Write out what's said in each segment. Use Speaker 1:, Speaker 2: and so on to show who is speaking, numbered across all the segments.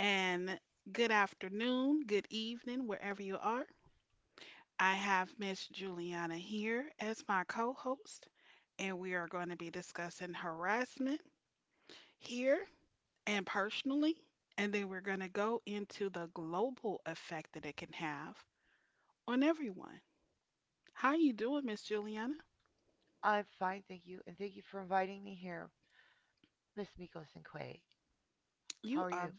Speaker 1: and good afternoon, good evening, wherever you are. I have Miss Juliana here as my co host, and we are going to be discussing harassment here and personally. And then we're going to go into the global effect that it can have on everyone. How you doing, Miss Juliana?
Speaker 2: I'm fine, thank you, and thank you for inviting me here, Miss Miko Sinquay. How
Speaker 1: You
Speaker 2: are you?
Speaker 1: are.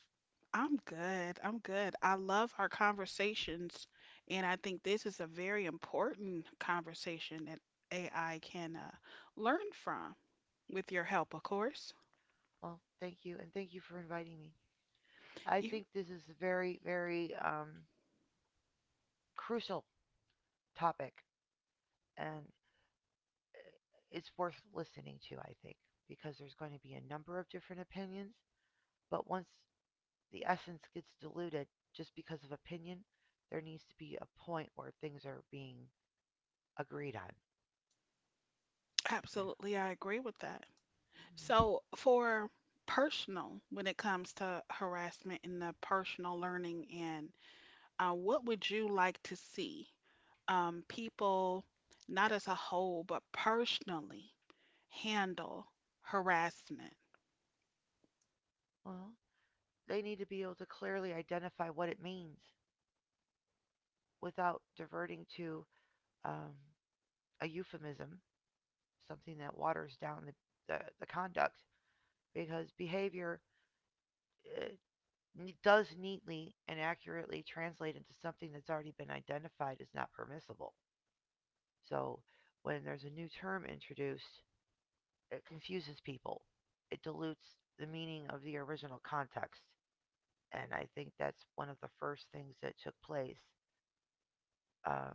Speaker 1: I'm good. I'm good. I love our conversations, and I think this is a very important conversation that AI can learn from with your help, of course.
Speaker 2: Well, thank you, and thank you for inviting me. I
Speaker 1: You
Speaker 2: think this is a very, very crucial topic, and it's worth listening to, I think, because there's going to be a number of different opinions, but once the essence gets diluted just because of opinion, there needs to be a point where things are being agreed on. Yeah.
Speaker 1: Absolutely, I agree with that.
Speaker 2: Mm-hmm.
Speaker 1: So, for personal, when it comes to harassment and the personal learning, and what would you like to see people, not as a whole, but personally handle harassment?
Speaker 2: Well, they need to be able to clearly identify what it means without diverting to um, a euphemism, something that waters down the conduct, because behavior uh, does neatly and accurately translate into something that's already been identified as not permissible. So when there's a new term introduced, it confuses people, it dilutes the meaning of the original context. And I think that's one of the first things that took place um,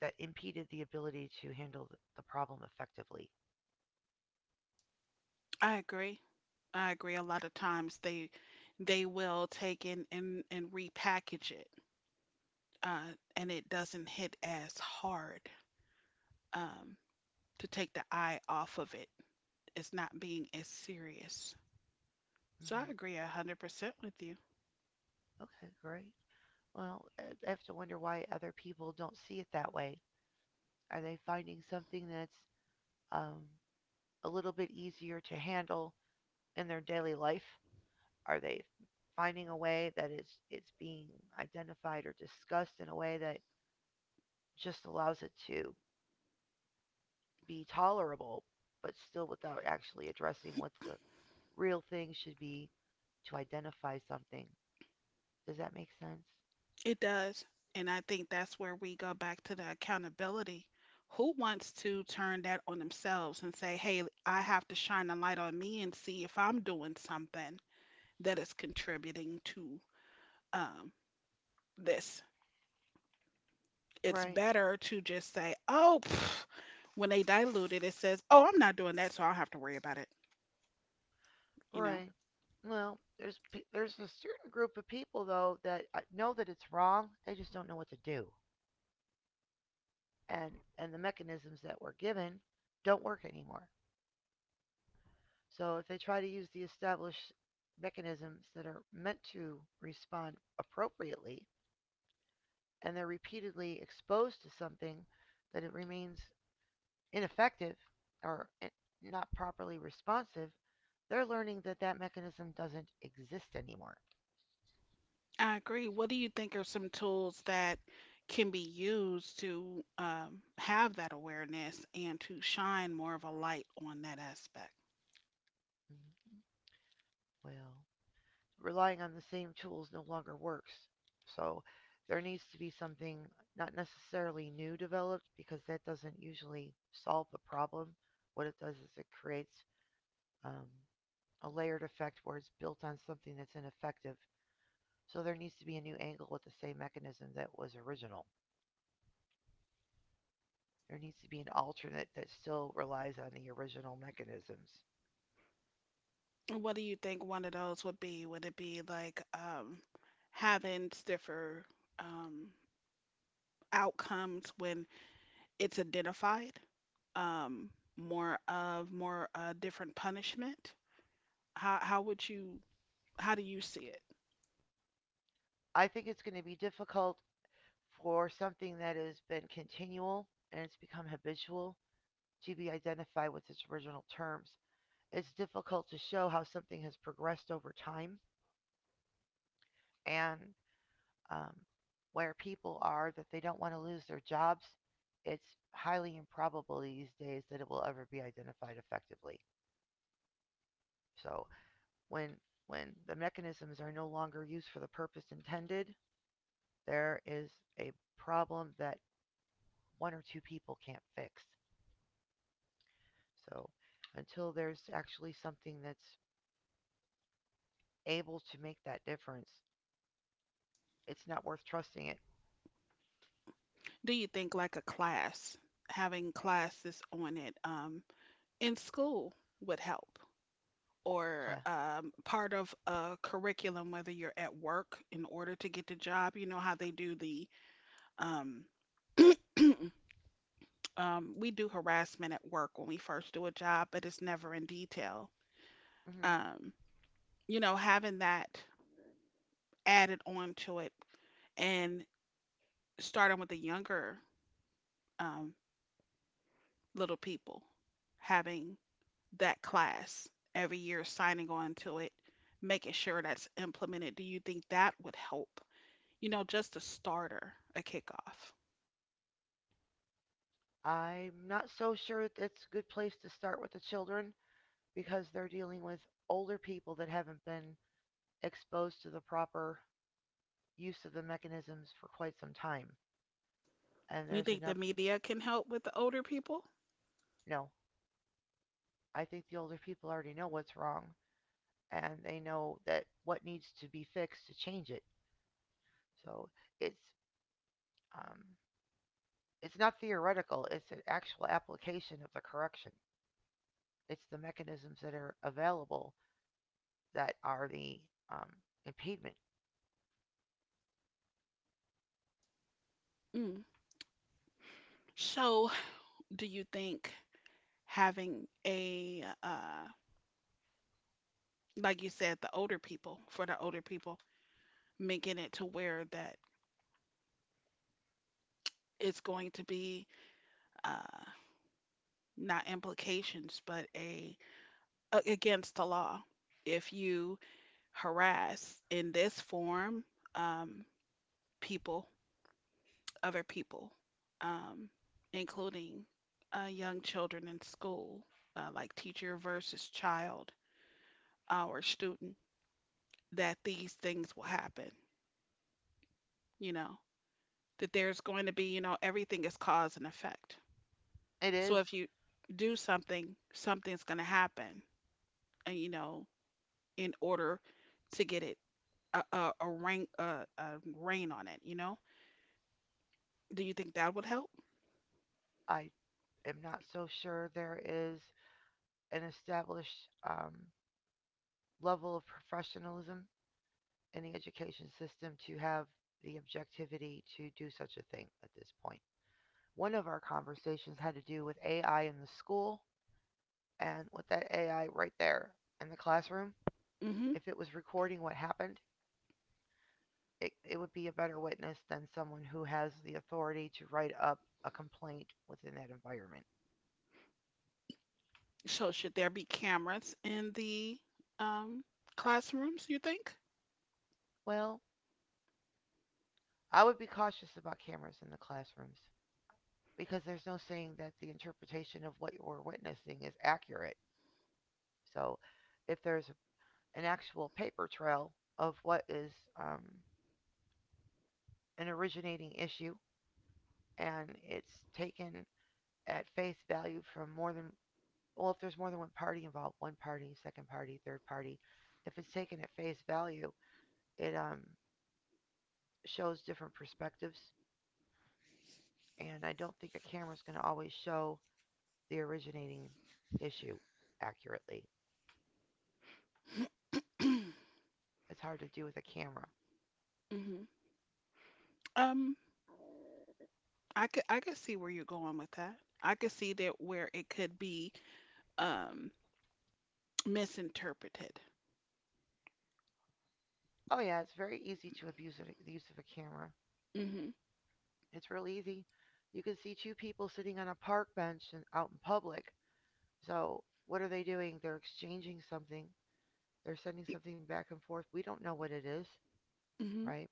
Speaker 2: that impeded the ability to handle the problem effectively.
Speaker 1: I agree. I agree. A lot of times they will take and repackage it, uh, and it doesn't hit as hard um, to take the eye off of it. It's not being as serious. So I
Speaker 2: Hmm.
Speaker 1: agree 100% with you.
Speaker 2: Okay, great. Well, I have to wonder why other people don't see it that way. Are they finding something that's um, a little bit easier to handle in their daily life? Are they finding a way that it's being identified or discussed in a way that just allows it to be tolerable, but still without actually addressing what the real thing should be to identify something? Does that make sense?
Speaker 1: It does, and I think that's where we go back to the accountability. Who wants to turn that on themselves and say, "Hey, I have to shine a light on me and see if I'm doing something that is contributing to um, this." It's
Speaker 2: Right.
Speaker 1: better to just say, "Oh, pff," when they dilute it, it says, "Oh, I'm not doing that, so I don't have to worry about it." You know,
Speaker 2: Right. Well, there's a certain group of people though that know that it's wrong. They just don't know what to do, and the mechanisms that were given don't work anymore. So if they try to use the established mechanisms that are meant to respond appropriately, and they're repeatedly exposed to something that it remains ineffective or i- not properly responsive, they're learning that that mechanism doesn't exist anymore.
Speaker 1: I agree. What do you think are some tools that can be used to have that awareness and to shine more of a light on that aspect?
Speaker 2: Mhm. Well, relying on the same tools no longer works. So there needs to be something not necessarily new developed because that doesn't usually solve the problem. What it does is it creates um, a layered effect where it's built on something that's ineffective. So there needs to be a new angle with the same mechanism that was original. There needs to be an alternate that still relies on the original mechanisms.
Speaker 1: And what do you think one of those would be? Would it be like having stiffer um, outcomes when it's identified? Um, more of more different punishment? How would you how do you see it?
Speaker 2: I think it's going to be difficult for something that has been continual and it's become habitual to be identified with its original terms. It's difficult to show how something has progressed over time and um, where people are that they don't want to lose their jobs. It's highly improbable these days that it will ever be identified effectively. So when when the mechanisms are no longer used for the purpose intended, there is a problem that one or two people can't fix. So until there's actually something that's able to make that difference, it's not worth trusting it.
Speaker 1: Do you think like a class, having classes on it in school would help, or
Speaker 2: Cla.
Speaker 1: part of a curriculum, whether you're at work in order to get the job? You know how they do the um, we do harassment at work when we first do a job, but it's never in detail.
Speaker 2: Hmm.
Speaker 1: Um, you know, having that added on to it and starting with the younger um, little people, having that class every year, signing on to it, making sure that's implemented? Do you think that would help? You know, just a starter, a kickoff.
Speaker 2: I'm not so sure that's a good place to start with the children because they're dealing with older people that haven't been exposed to the proper use of the mechanisms for quite some time. And
Speaker 1: You
Speaker 2: there's
Speaker 1: think the
Speaker 2: enough.
Speaker 1: media can help with the older people?
Speaker 2: No, I think the older people already know what's wrong and they know that what needs to be fixed to change it. So it's um, it's not theoretical; it's an actual application of the correction. It's the mechanisms that are available that are the um, impediment.
Speaker 1: Mm. So, do you think having a like you said, the older people for the older people, making it to where that it's going to be uh not implications, but a against the law if you harass in this form um, people, other people, um, including young children in school, like teacher versus child or student, that these things will happen, you know, that there's going to be, you know, everything is cause and effect.
Speaker 2: It
Speaker 1: So
Speaker 2: is.
Speaker 1: if you do something, something's going to happen, and, you know, in order to get it a rain on it, you know? Do you think that would help?
Speaker 2: I am not so sure there is an established level of professionalism in the education system to have the objectivity to do such a thing at this point. One of our conversations had to do with AI in the school and with that AI right there in the classroom.
Speaker 1: hmm
Speaker 2: If it was recording what happened, it would be a better witness than someone who has the authority to write up a complaint within that environment.
Speaker 1: So should there be cameras in the um, classrooms, you think?
Speaker 2: Well, I would be cautious about cameras in the classrooms because there's no saying that the interpretation of what you're witnessing is accurate. So, if there's an actual paper trail of what is um, an originating issue and it's taken at face value from more than, well, if there's more than one party involved, one party, second party, third party, if it's taken at face value, it shows different perspectives. And I don't think a camera is going to always show the originating issue accurately. It's hard to do with a camera.
Speaker 1: hmm Um, I could see where you're going with that. I could see that where it could be um misinterpreted.
Speaker 2: Oh, yeah, it's very easy to abuse it, the use of a camera.
Speaker 1: Hmm.
Speaker 2: It's real easy. You can see two people sitting on a park bench and out in public. So, what are they doing? They're exchanging something, they're sending something back and forth. We don't know what it is,
Speaker 1: Hmm.
Speaker 2: right?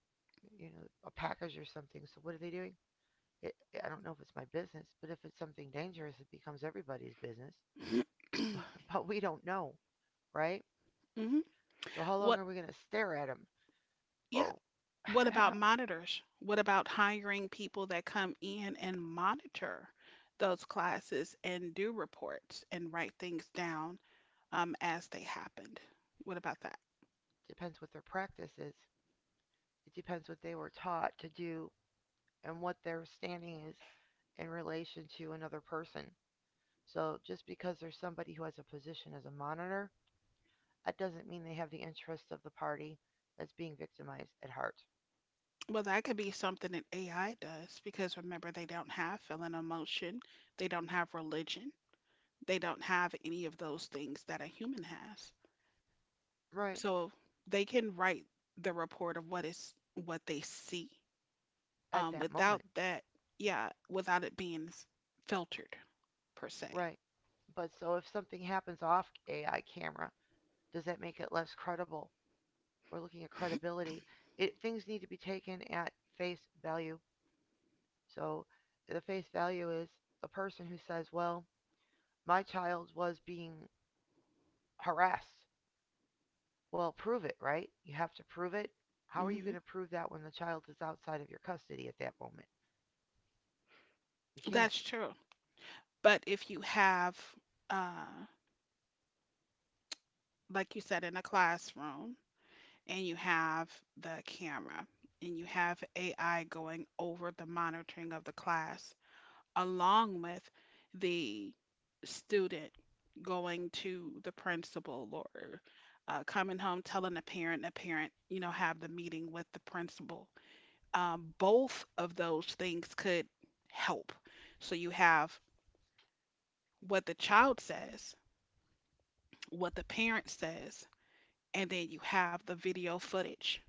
Speaker 2: You know, a package or something. So, what are they doing? It, I don't know if it's my business, but if it's something dangerous, it becomes everybody's business. But we don't know, right?
Speaker 1: Hmm.
Speaker 2: So, how long
Speaker 1: What,
Speaker 2: are we going to stare at them?
Speaker 1: yeah,
Speaker 2: Or
Speaker 1: what about monitors? What about hiring people that come in and monitor those classes and do reports and write things down as they happened? What about.
Speaker 2: depends what their practice is. It depends what they were taught to do and what their standing is in relation to another person. So just because there's somebody who has a position as a monitor, that doesn't mean they have the interests of the party that's being victimized at heart.
Speaker 1: Well, that could be something that AI does because remember, they don't have feeling emotion, they don't have religion, they don't have any of those things that a human has.
Speaker 2: Right.
Speaker 1: So they can write the report of what they see.
Speaker 2: At that
Speaker 1: Without
Speaker 2: moment.
Speaker 1: that, yeah, without it being filtered per se.
Speaker 2: Right. But so if something happens off AI camera, does that make it less credible? We're looking at credibility. Things need to be taken at face value. So the face value is a person who says, well, my child was being harassed. Well, prove it, right? You have to prove it. How are you
Speaker 1: hmm
Speaker 2: going to prove that when the child is outside of your custody at that moment? You can't.
Speaker 1: That's true. But if you have, uh, like you said, in a classroom, and you have the camera and you have AI going over the monitoring of the class along with the student going to the principal or coming home telling a parent, you know, have the meeting with the principal. Both of those things could help. So you have what the child says, what the parent says, and then you have the video footage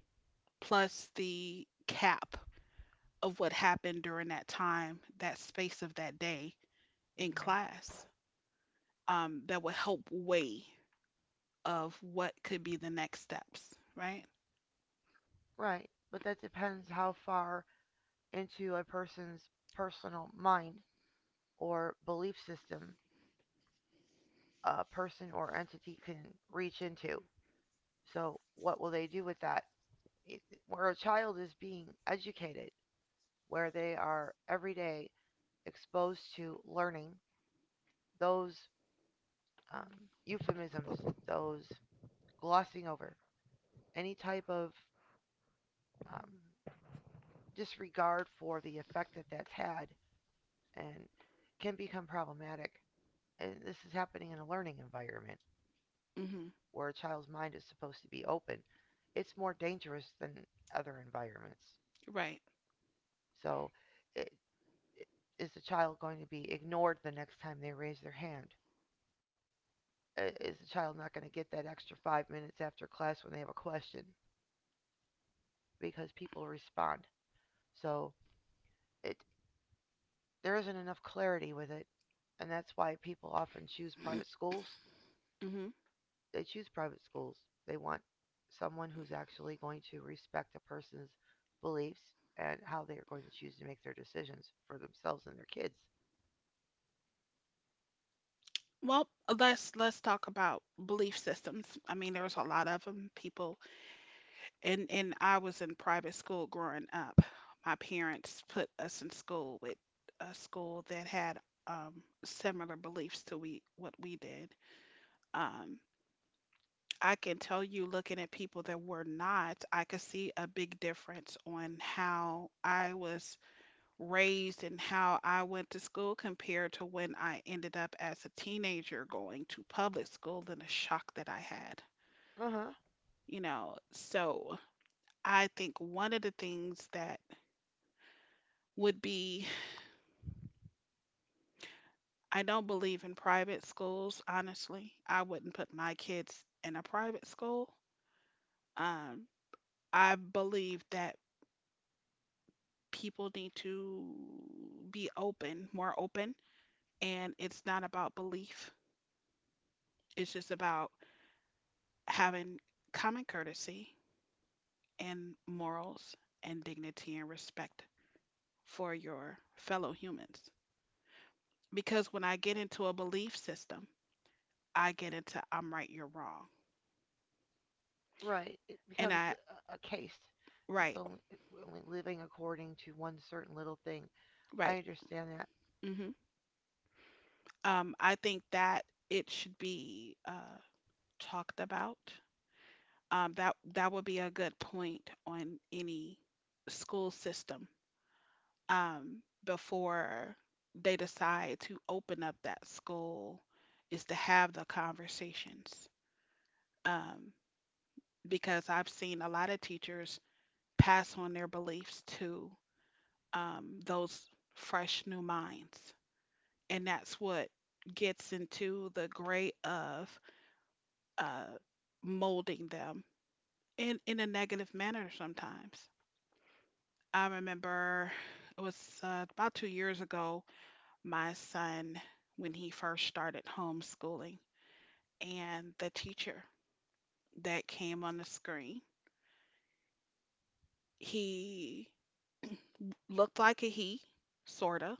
Speaker 1: plus the cap of what happened during that time, that space of that day in
Speaker 2: Mm-hmm.
Speaker 1: class, that would help weigh of what could be the next steps, right?
Speaker 2: Right. But that depends how far into a person's personal mind or belief system a person or entity can reach into. So, what will they do with that? Where a child is being educated, where they are every day exposed to learning, those um, euphemisms, those glossing over, any type of um, disregard for the effect that that's had and can become problematic. And this is happening in a learning environment
Speaker 1: hmm
Speaker 2: where a child's mind is supposed to be open. It's more dangerous than other environments.
Speaker 1: Right.
Speaker 2: So, i- i- is the child going to be ignored the next time they raise their hand? Is the child not going to get that extra 5 minutes after class when they have a question, because people respond, so it there isn't enough clarity with it, and that's why people often choose private schools.
Speaker 1: hmm
Speaker 2: They choose private schools. They want someone who's actually going to respect a person's beliefs and how they are going to choose to make their decisions for themselves and their kids.
Speaker 1: Well, let's talk about belief systems. I mean, there's a lot of them. People, and I was in private school growing up. My parents put us in school with a school that had similar beliefs to we what we did. Um, I can tell you, looking at people that were not, I could see a big difference on how I was raised and how I went to school compared to when I ended up as a teenager going to public school and the shock that I had.
Speaker 2: Uh-huh.
Speaker 1: You know, so I think one of the things that would be, I don't believe in private schools, honestly. I wouldn't put my kids in a private school. Um, I believe that people need to be open, more open. And it's not about belief, it's just about having common courtesy and morals and dignity and respect for your fellow humans. Because when I get into a belief system, I get into I'm right, you're wrong.
Speaker 2: Right, it
Speaker 1: And
Speaker 2: becomes
Speaker 1: I,
Speaker 2: a case. It's
Speaker 1: right,
Speaker 2: only, only living according to one certain little thing. I
Speaker 1: right.
Speaker 2: understand that.
Speaker 1: hmm I think that it should be talked about. That would be a good point on any school system um, before they decide to open up that school is to have the conversations, um, because I've seen a lot of teachers pass on their beliefs to those fresh new minds, and that's what gets into the gray of uh, molding them in a negative manner sometimes. I remember it was about 2 years ago, my son, when he first started homeschooling, and the teacher that came on the screen, he looked like a he, sorta,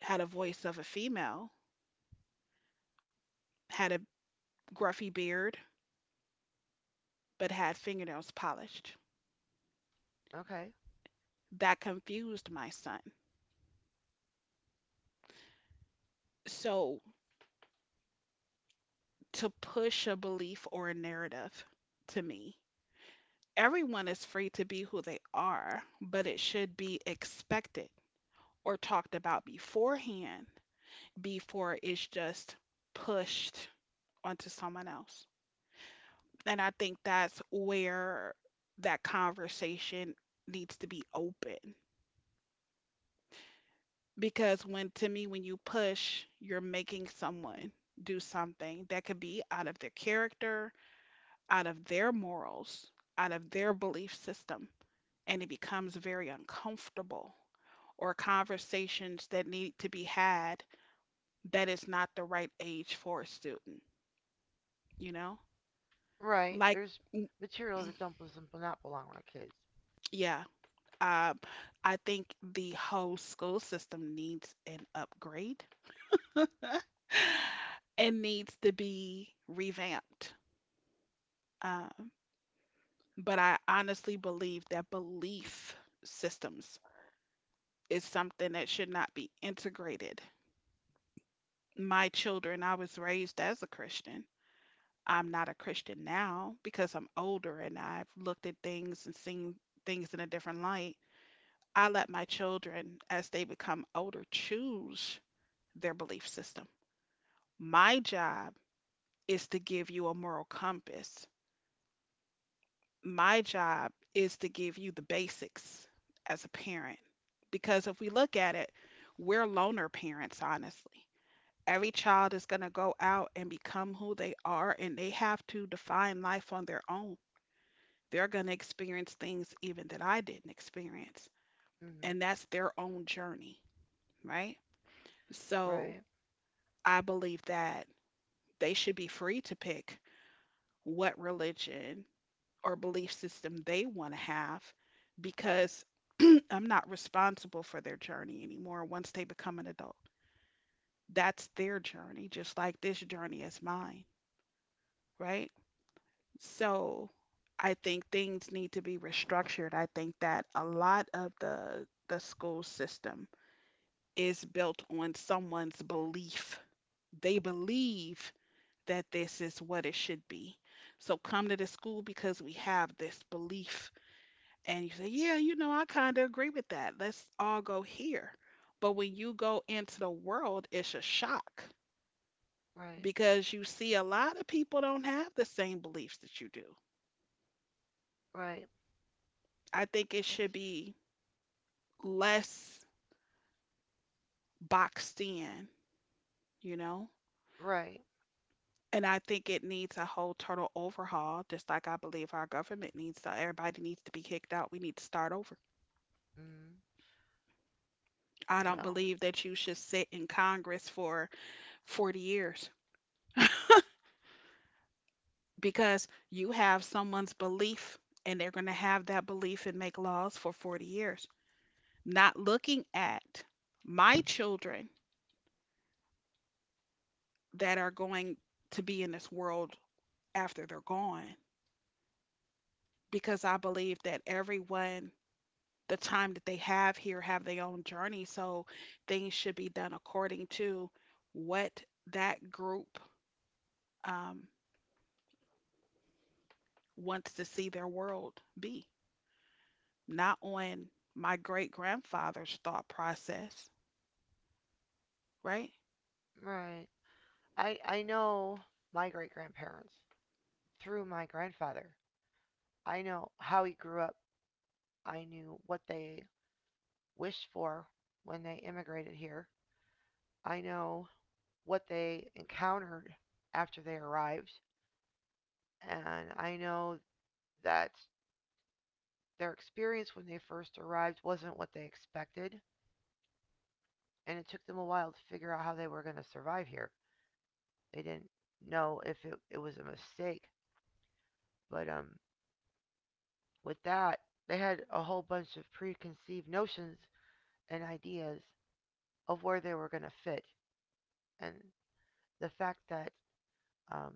Speaker 1: had a voice of a female, had a gruffy beard, but had fingernails polished.
Speaker 2: Okay.
Speaker 1: That confused my son. So to push a belief or a narrative, to me, everyone is free to be who they are, but it should be expected or talked about beforehand before it's just pushed onto someone else. And I think that's where that conversation needs to be open. Because when, to me, when you push, you're making someone do something that could be out of their character, out of their morals, out of their belief system. And it becomes very uncomfortable or conversations that need to be had that is not the right age for a student, you know?
Speaker 2: Right.
Speaker 1: Like,
Speaker 2: There's
Speaker 1: mm,
Speaker 2: material that don't bes- not belong around kids.
Speaker 1: yeah, um, I think the whole school system needs an upgrade and needs to be revamped. Um, but I honestly believe that belief systems is something that should not be integrated. My children, I was raised as a Christian, I'm not a Christian now because I'm older and I've looked at things and seen things in a different light. I let my children, as they become older, choose their belief system. My job is to give you a moral compass. My job is to give you the basics as a parent. Because if we look at it, we're loner parents, honestly. Every child is going to go out and become who they are, and they have to define life on their own. They're going to experience things even that I didn't experience,
Speaker 2: Hmm.
Speaker 1: and that's their own journey, right? So
Speaker 2: Right.
Speaker 1: I believe that they should be free to pick what religion or belief system they want to have because I'm not responsible for their journey anymore once they become an adult. That's their journey, just like this journey is mine, right? So I think things need to be restructured. I think that a lot of the school system is built on someone's belief. They believe that this is what it should be. So come to the school because we have this belief. And you say, yeah, you know, I kind of agree with that. Let's all go here. But when you go into the world, it's a shock
Speaker 2: Right.
Speaker 1: because you see a lot of people don't have the same beliefs that you do.
Speaker 2: Right.
Speaker 1: I think it
Speaker 2: It's
Speaker 1: should be less boxed in, you know?
Speaker 2: right.
Speaker 1: And I think it needs a whole total overhaul, just like I believe our government needs to. Everybody needs to be kicked out. We need to start over.
Speaker 2: Mm.
Speaker 1: I don't
Speaker 2: Well.
Speaker 1: believe that you should sit in Congress for 40 years because you have someone's belief and they're going to have that belief and make laws for 40 years. Not looking at my children that are going to be in this world after they're gone because I believe that everyone the time that they have here have their own journey. So things should be done according to what that group um, wants to see their world be, not on my great grandfather's thought process, right?
Speaker 2: Right. I know my great grandparents through my grandfather. I know how he grew up. I knew what they wished for when they immigrated here. I know what they encountered after they arrived, and I know that their experience when they first arrived wasn't what they expected, and it took them a while to figure out how they were going to survive here. They didn't know if it was a mistake, but with that, they had a whole bunch of preconceived notions and ideas of where they were going to fit. And the fact that um,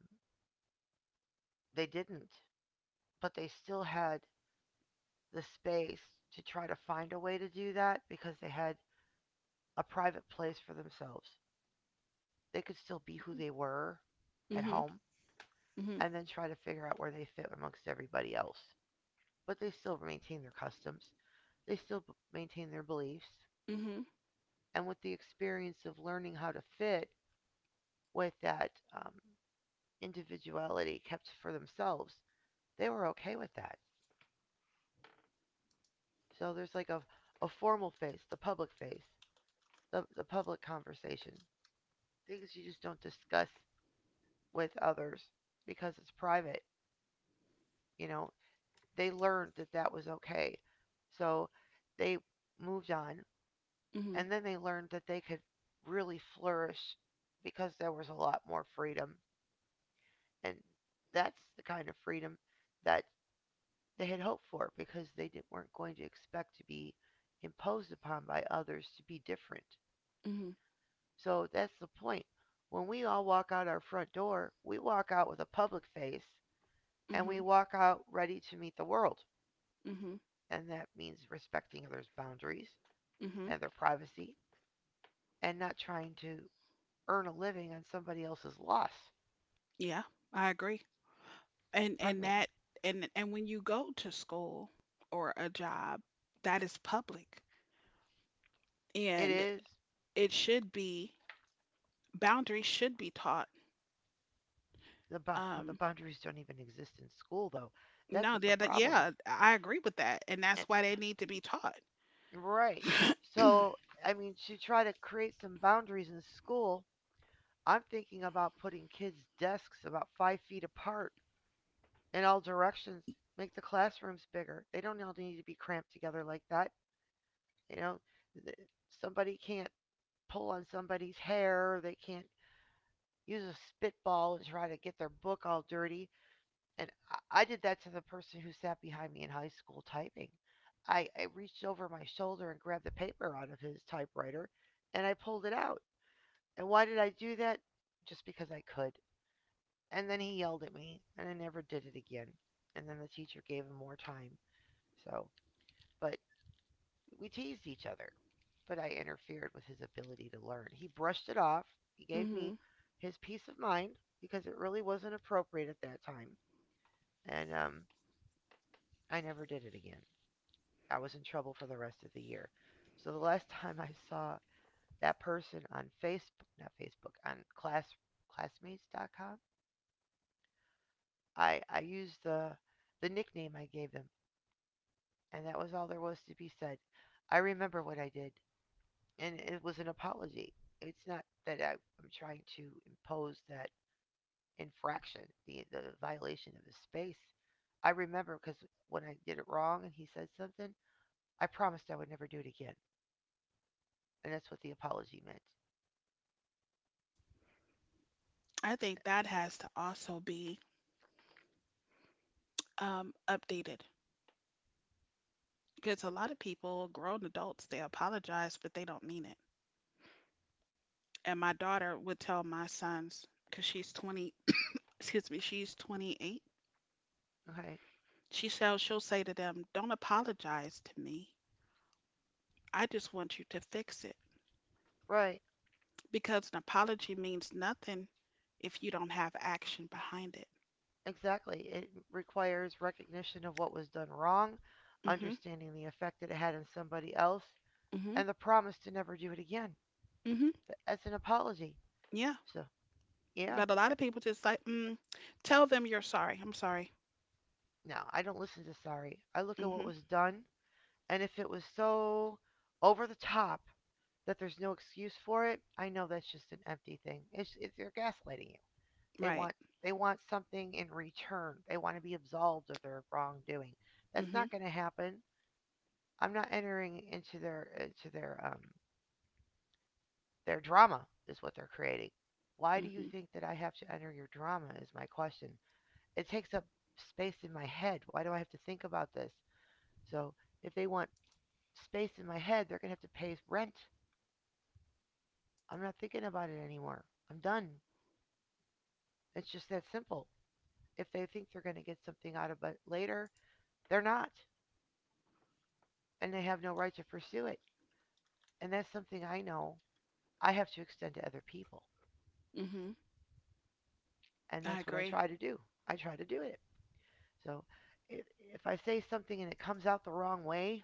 Speaker 2: they didn't, but they still had the space to try to find a way to do that because they had a private place for themselves. They could still be who they were at
Speaker 1: Mhm.
Speaker 2: home
Speaker 1: Mhm.
Speaker 2: and then try to figure out where they fit amongst everybody else. But they still maintain their customs, they still maintain their beliefs,
Speaker 1: Mhm.
Speaker 2: and with the experience of learning how to fit with that individuality kept for themselves, they were okay with that. So there's like a formal face, the public face, the public conversation, things you just don't discuss with others because it's private. You know, they learned that that was okay. So they moved on.
Speaker 1: Mhm.
Speaker 2: And then they learned that they could really flourish because there was a lot more freedom. And that's the kind of freedom that they had hoped for because they didn't, weren't going to expect to be imposed upon by others to be different.
Speaker 1: Mhm.
Speaker 2: So that's the point. When we all walk out our front door, we walk out with a public face, and we
Speaker 1: Mhm.
Speaker 2: walk out ready to meet the world.
Speaker 1: Mhm.
Speaker 2: And that means respecting others' boundaries
Speaker 1: Mhm.
Speaker 2: and their privacy and not trying to earn a living on somebody else's loss.
Speaker 1: Yeah, I agree. And
Speaker 2: Pardon
Speaker 1: and
Speaker 2: me.
Speaker 1: that and when you go to school or a job, that is public,
Speaker 2: It
Speaker 1: and
Speaker 2: is.
Speaker 1: it should be boundaries should be taught.
Speaker 2: The, the
Speaker 1: Um,
Speaker 2: boundaries don't even exist in school, though. That's
Speaker 1: no,
Speaker 2: what the
Speaker 1: yeah, that,
Speaker 2: problem
Speaker 1: yeah,
Speaker 2: is.
Speaker 1: I agree with that, and that's
Speaker 2: It's
Speaker 1: why they need to be taught.
Speaker 2: right. So, I mean, to try to create some boundaries in school, I'm thinking about putting kids' desks about 5 feet apart in all directions. Make the classrooms bigger. They don't all need to be cramped together like that. You know, somebody can't pull on somebody's hair. They can't use a spitball and try to get their book all dirty. And I, did that to the person who sat behind me in high school typing. I reached over my shoulder and grabbed the paper out of his typewriter and I pulled it out. And why did I do that? Just because I could. And then he yelled at me and I never did it again. And then the teacher gave him more time. So, but we teased each other. But I interfered with his ability to learn. He brushed it off. He gave me
Speaker 1: Hmm.
Speaker 2: his peace of mind because it really wasn't appropriate at that time. And I never did it again. I was in trouble for the rest of the year. So the last time I saw that person on Facebook, not Facebook, on class classmates.com, I used the nickname I gave them, and that was all there was to be said. I remember what I did, and it was an apology. It's not that I'm trying to impose that infraction, the violation of the space. I remember because when I did it wrong and he said something, I promised I would never do it again, and that's what the apology meant.
Speaker 1: I think that has to also be updated because a lot of people, grown adults, they apologize, but they don't mean it. And my daughter would tell my sons, because she's 20, excuse me, she's 28.
Speaker 2: Okay.
Speaker 1: She'll say to them, "Don't apologize to me. I just want you to fix it."
Speaker 2: Right,
Speaker 1: Because an apology means nothing if you don't have action behind it.
Speaker 2: exactly. It requires recognition of what was done wrong, understanding the effect that it had on somebody else,
Speaker 1: Mhm.
Speaker 2: and the promise to never do it again.
Speaker 1: Mhm.
Speaker 2: That's an apology.
Speaker 1: Yeah.
Speaker 2: So, yeah,
Speaker 1: But a lot of people just like, tell them you're sorry. I'm sorry.
Speaker 2: no, I don't listen to sorry. I look at what
Speaker 1: Mhm.
Speaker 2: was done, and if it was so over the top that there's no excuse for it, I know that's just an empty thing. It's they're gaslighting you. They
Speaker 1: Right.
Speaker 2: want they want something in return. They want to be absolved of their wrongdoing. That's
Speaker 1: Mhm.
Speaker 2: not going to happen. I'm not entering into their drama is what they're creating. Why do you
Speaker 1: Mhm.
Speaker 2: think that I have to enter your drama is my question. It takes up space in my head. Why do I have to think about this? So if they want space in my head, they're gonna have to pay rent. I'm not thinking about it anymore. I'm done. It's just that simple. If they think they're gonna get something out of it later, they're not. And they have no right to pursue it. And that's something I know I have to extend to other people.
Speaker 1: Mhm.
Speaker 2: And
Speaker 1: I
Speaker 2: that's what I
Speaker 1: agree.
Speaker 2: try to do. I try to do it. So if if I say something and it comes out the wrong way,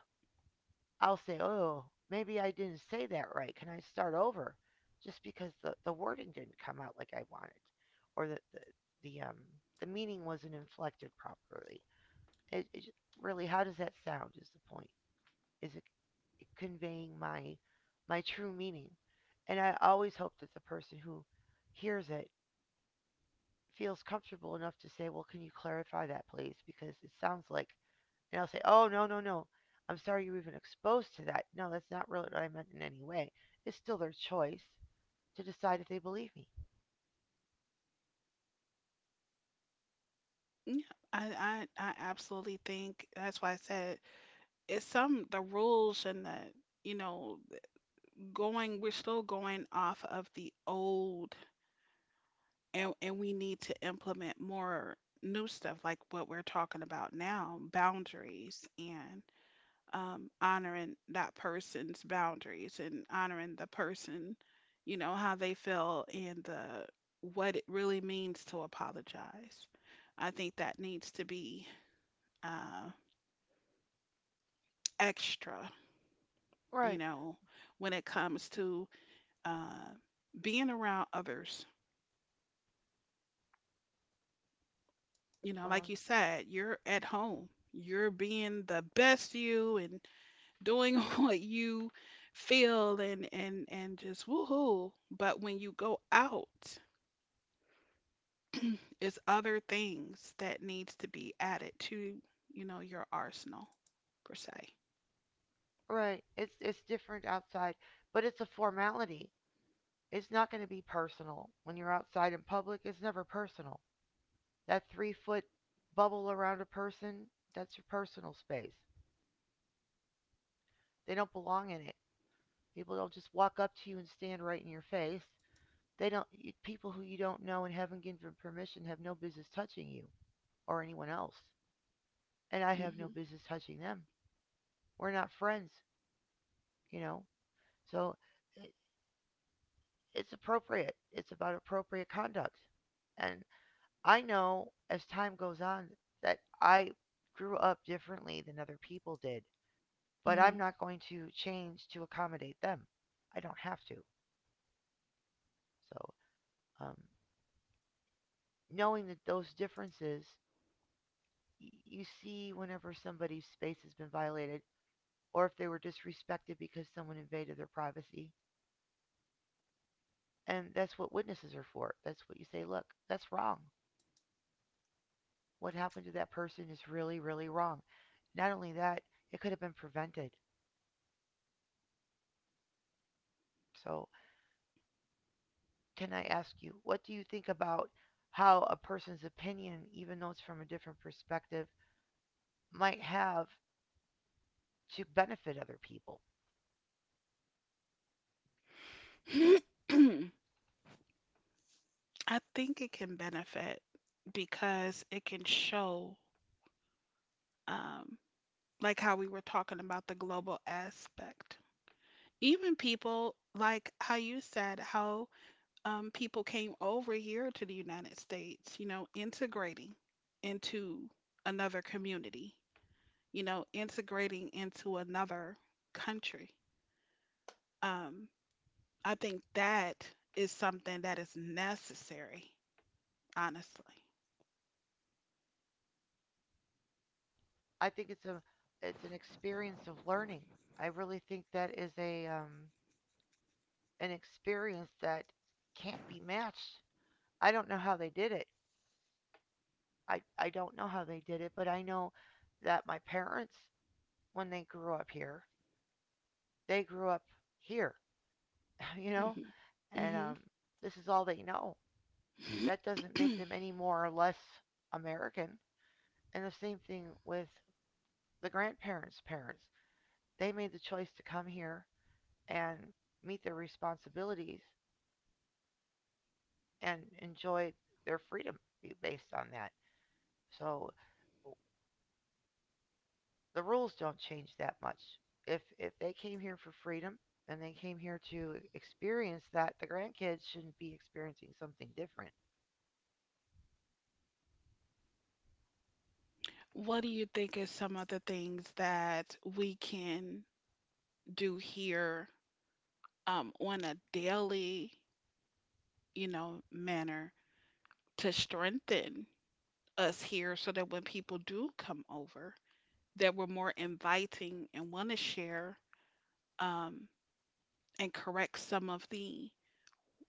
Speaker 2: I'll say, "Oh, maybe I didn't say that right. Can I start over?" Just because the wording didn't come out like I wanted, or the the um the meaning wasn't inflected properly. It, it j- Really, how does that sound? Is the point? Is it conveying my my true meaning? And I always hope that the person who hears it feels comfortable enough to say, "Well, can you clarify that, please?" Because it sounds like. And I'll say, oh, no, no, no. I'm sorry you were even exposed to that. No, that's not really what I meant in any way. It's still their choice to decide if they believe me.
Speaker 1: Yeah. I absolutely think that's why I said it's some the rules and the you know going we're still going off of the old and we need to implement more new stuff like what we're talking about now boundaries and honoring that person's boundaries and honoring the person, you know, how they feel and the what it really means to apologize. I think that needs to be uh, extra, you
Speaker 2: Right.
Speaker 1: know, when it comes to uh, being around others. You know,
Speaker 2: Well,
Speaker 1: like you said, you're at home. You're being the best you and doing what you feel and just woohoo. But when you go out, it's other things that needs to be added to, you know, your arsenal per se.
Speaker 2: right. it's different outside, but it's a formality. It's not going to be personal. When you're outside in public, it's never personal. That 3-foot bubble around a person, that's your personal space. They don't belong in it. People don't just walk up to you and stand right in your face. They don't People who you don't know and haven't given permission have no business touching you or anyone else. And I have no business touching them. We're not friends, you know? So it, it's appropriate. It's about appropriate conduct. And I know as time goes on that I grew up differently than other people did, but I'm
Speaker 1: Mhm.
Speaker 2: not going to change to accommodate them. I don't have to. So, um, knowing that those differences you see whenever somebody's space has been violated or if they were disrespected because someone invaded their privacy. And that's what witnesses are for. That's what you say, look, that's wrong. What happened to that person is really, really wrong. Not only that, it could have been prevented. So, can I ask you, what do you think about how a person's opinion, even though it's from a different perspective, might have to benefit other people?
Speaker 1: Mhm. I think it can benefit because it can show, um, like how we were talking about the global aspect. Even people, like how you said, how people came over here to the United States, you know, integrating into another community you know, integrating into another country. Um, I think that is something that is necessary, honestly.
Speaker 2: I think it's a It's an experience of learning. I really think that is a an experience that can't be matched. I don't know how they did it. I don't know how they did it, but I know that my parents, when they grew up here, they grew up here, you
Speaker 1: Hmm.
Speaker 2: know, and
Speaker 1: Hmm.
Speaker 2: um, this is all they know. That doesn't make them any more or less American. And the same thing with the grandparents' parents. They made the choice to come here and meet their responsibilities and enjoy their freedom based on that. So the rules don't change that much. If they came here for freedom and they came here to experience that, the grandkids shouldn't be experiencing something different.
Speaker 1: What do you think is some of the things that we can do here on a daily, you know, manner to strengthen us here so that when people do come over, that we're more inviting and want to share um, and correct some of the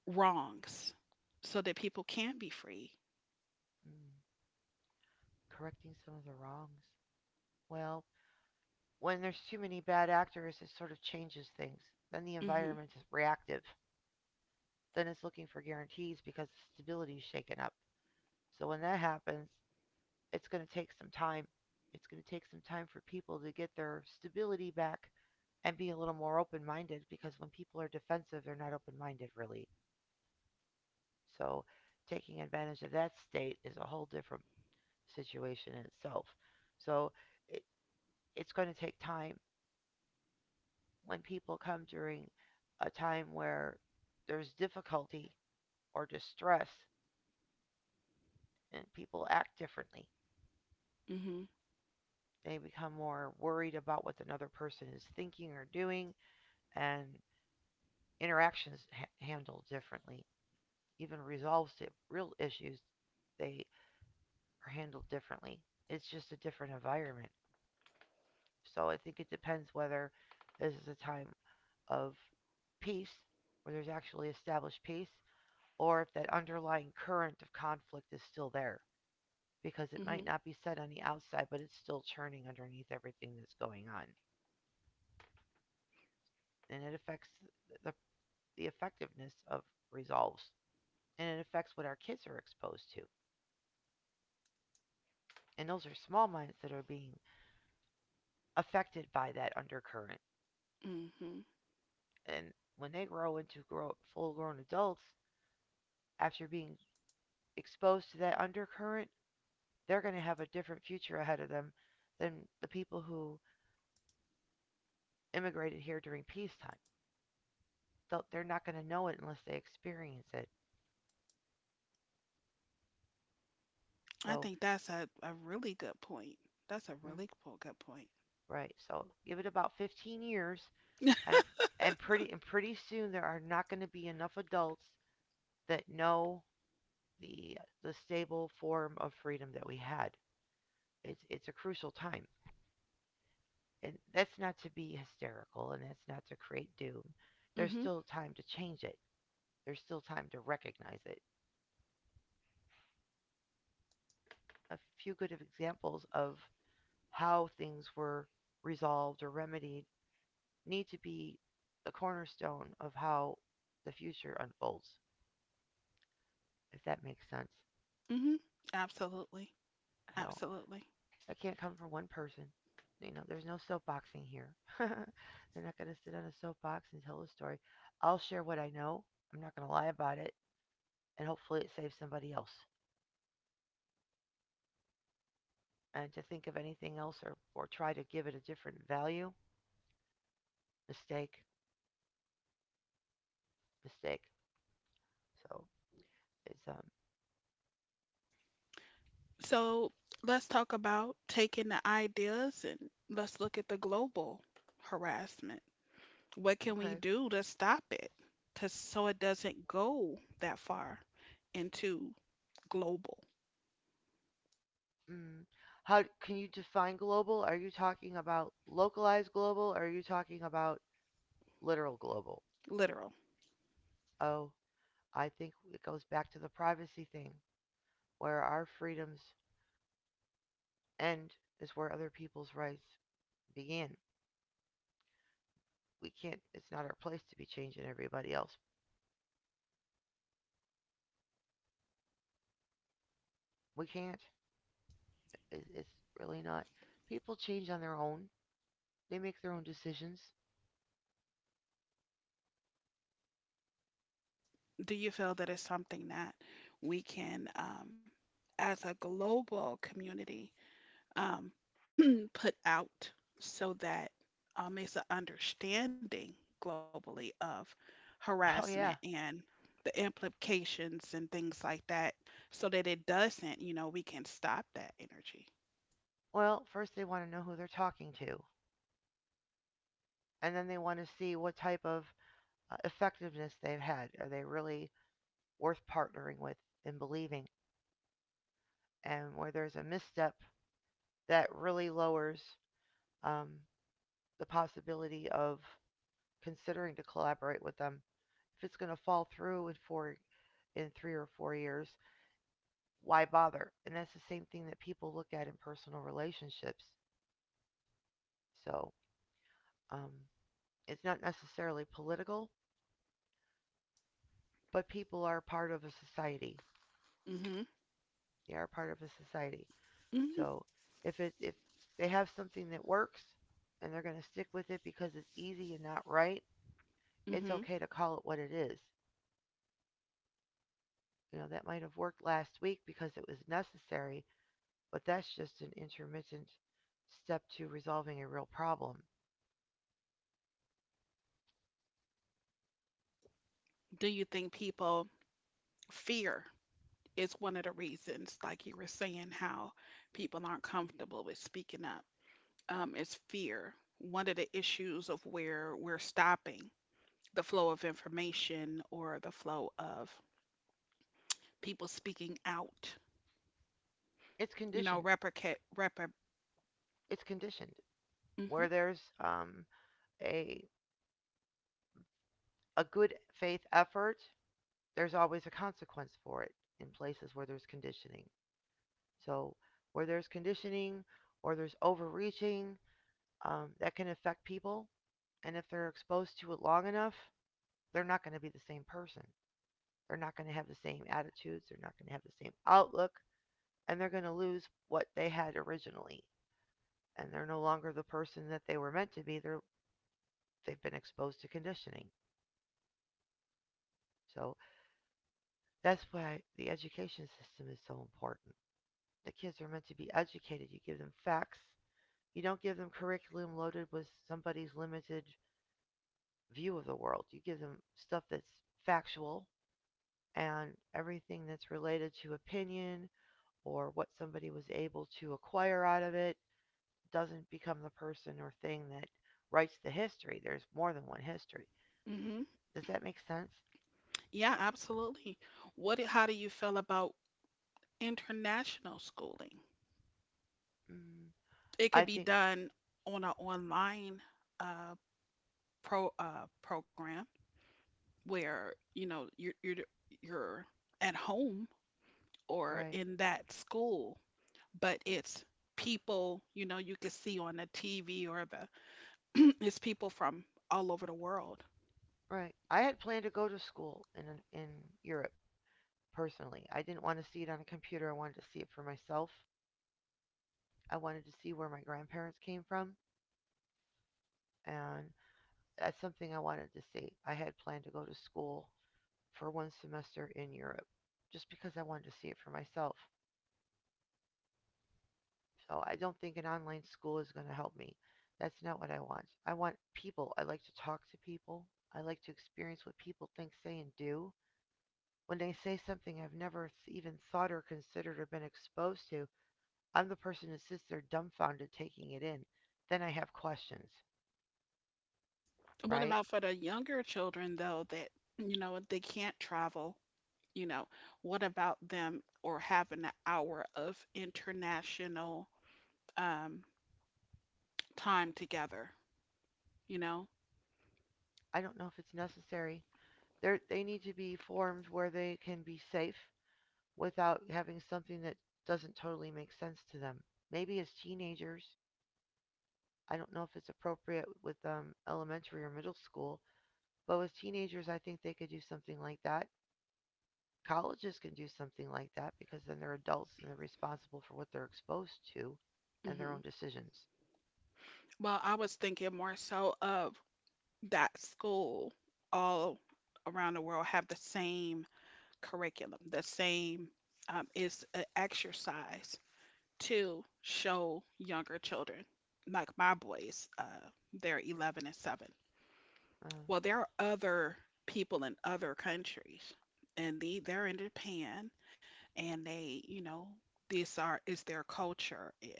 Speaker 1: wrongs so that people can be free.
Speaker 2: Mm, correcting some of the wrongs. Well, when there's too many bad actors, it sort of changes things. Then the
Speaker 1: Mhm.
Speaker 2: environment is reactive. Then it's looking for guarantees because the stability is shaken up. So when that happens, it's going to take some time. It's going to take some time for people to get their stability back and be a little more open minded because when people are defensive, they're not open minded really. So taking advantage of that state is a whole different situation in itself. So it, it's going to take time. When people come during a time where there's difficulty or distress and people act differently,
Speaker 1: Mhm.
Speaker 2: they become more worried about what another person is thinking or doing and interactions handled differently. Even resolves to real issues, they are handled differently. It's just a different environment. So I think it depends whether this is a time of peace, where there's actually established peace, or if that underlying current of conflict is still there. Because it
Speaker 1: Mhm.
Speaker 2: might not be said on the outside, but it's still churning underneath everything that's going on. And it affects the, the effectiveness of resolves. And it affects what our kids are exposed to. And those are small minds that are being affected by that undercurrent.
Speaker 1: Mhm.
Speaker 2: And when they grow into full grown adults, after being exposed to that undercurrent, they're going to have a different future ahead of them than the people who immigrated here during peacetime. They are not going to know it unless they experience it.
Speaker 1: I
Speaker 2: So,
Speaker 1: think that's a really good point. That's a
Speaker 2: mm,
Speaker 1: really good point.
Speaker 2: right. So give it about 15 years, and and pretty soon there are not going to be enough adults that know the stable form of freedom that we had. It's a crucial time. And that's not to be hysterical and that's not to create doom. There's
Speaker 1: Mhm.
Speaker 2: still time to change it. There's still time to recognize it. A few good examples of how things were resolved or remedied need to be the cornerstone of how the future unfolds, if that makes sense.
Speaker 1: Mhm. Absolutely.
Speaker 2: So
Speaker 1: Absolutely.
Speaker 2: I can't come from one person. You know, there's no soapboxing here. They're not going to sit on a soapbox and tell a story. I'll share what I know. I'm not going to lie about it. And hopefully it saves somebody else, and to think of anything else or try to give it a different value, mistake, mistake. So it's
Speaker 1: So, let's talk about taking the ideas and let's look at the global harassment. What can we
Speaker 2: okay.
Speaker 1: do to stop it? To so it doesn't go that far into global,
Speaker 2: Mm. How can you define global? Are you talking about localized global? Or are you talking about literal global?
Speaker 1: literal.
Speaker 2: Oh, I think it goes back to the privacy thing, where our freedoms end is where other people's rights begin. We can't. It's not our place to be changing everybody else. We can't. It's really not. People change on their own. They make their own decisions.
Speaker 1: Do you feel that it's something that we can, as a global community, um, put out so that it's an understanding globally of
Speaker 2: Oh,
Speaker 1: harassment
Speaker 2: yeah.
Speaker 1: and the implications and things like that, so that it doesn't, you know, we can stop that energy.
Speaker 2: Well, first they want to know who they're talking to, and then they want to see what type of effectiveness they've had. Are they really worth partnering with and believing? And where there's a misstep, that really lowers um, the possibility of considering to collaborate with them. If it's going to fall through in four, in 3 or 4 years, why bother? And that's the same thing that people look at in personal relationships. So um, it's not necessarily political, but people are part of a society.
Speaker 1: Hmm.
Speaker 2: They are part of a society.
Speaker 1: Hmm.
Speaker 2: So if they have something that works and they're going to stick with it because it's easy and not right, it's
Speaker 1: Hmm.
Speaker 2: okay to call it what it is. You know, that might have worked last week because it was necessary, but that's just an intermittent step to resolving a real problem.
Speaker 1: Do you think people fear is one of the reasons, like you were saying, how people aren't comfortable with speaking up? Is fear. One of the issues of where we're stopping the flow of information or the flow of people speaking out,
Speaker 2: It's
Speaker 1: you know,
Speaker 2: conditioned.
Speaker 1: replicate, repre
Speaker 2: It's conditioned.
Speaker 1: Hmm.
Speaker 2: Where there's a a good faith effort, there's always a consequence for it in places where there's conditioning. So, where there's conditioning or there's overreaching, that can affect people. And if they're exposed to it long enough, they're not going to be the same person. They're not going to have the same attitudes. They're not going to have the same outlook. And they're going to lose what they had originally. And they're no longer the person that they were meant to be. They've been exposed to conditioning. So that's why the education system is so important. The kids are meant to be educated. You give them facts, you don't give them curriculum loaded with somebody's limited view of the world. You give them stuff that's factual, and everything that's related to opinion or what somebody was able to acquire out of it doesn't become the person or thing that writes the history. There's more than one history.
Speaker 1: Hmm.
Speaker 2: Does that make sense?
Speaker 1: Yeah, absolutely. What, how do you feel about international schooling?
Speaker 2: Mm,
Speaker 1: It
Speaker 2: I
Speaker 1: could be
Speaker 2: think
Speaker 1: done on an online uh, program where, you know, you're at home or
Speaker 2: right,
Speaker 1: in that school but it's people, you know, you could see on the TV or the it's people from all over the world.
Speaker 2: right. I had planned to go to school in Europe personally. I didn't want to see it on a computer. I wanted to see it for myself. I wanted to see where my grandparents came from, and that's something I wanted to see. I had planned to go to school for one semester in Europe just because I wanted to see it for myself. So I don't think an online school is going to help me. That's not what I want. I want people. I like to talk to people. I like to experience what people think, say, and do. When they say something I've never even thought or considered or been exposed to, I'm the person that sits there dumbfounded taking it in. Then I have questions,
Speaker 1: What
Speaker 2: right?
Speaker 1: about for the younger children though that, you know, they can't travel, you know, what about them or having an hour of international um time together, you know?
Speaker 2: I don't know if it's necessary. They need to be formed where they can be safe without having something that doesn't totally make sense to them. Maybe as teenagers, I don't know if it's appropriate with elementary or middle school, but with teenagers, I think they could do something like that. Colleges can do something like that because then they're adults and they're responsible for what they're exposed to and their own
Speaker 1: Hmm.
Speaker 2: decisions.
Speaker 1: Well, I was thinking more so of that school all around the world have the same curriculum, the same is an exercise to show younger children, like my boys, they're 11 and 7.
Speaker 2: Uh,
Speaker 1: Well, there are other people in other countries, and they're in Japan, and they, you know, these are is their culture, and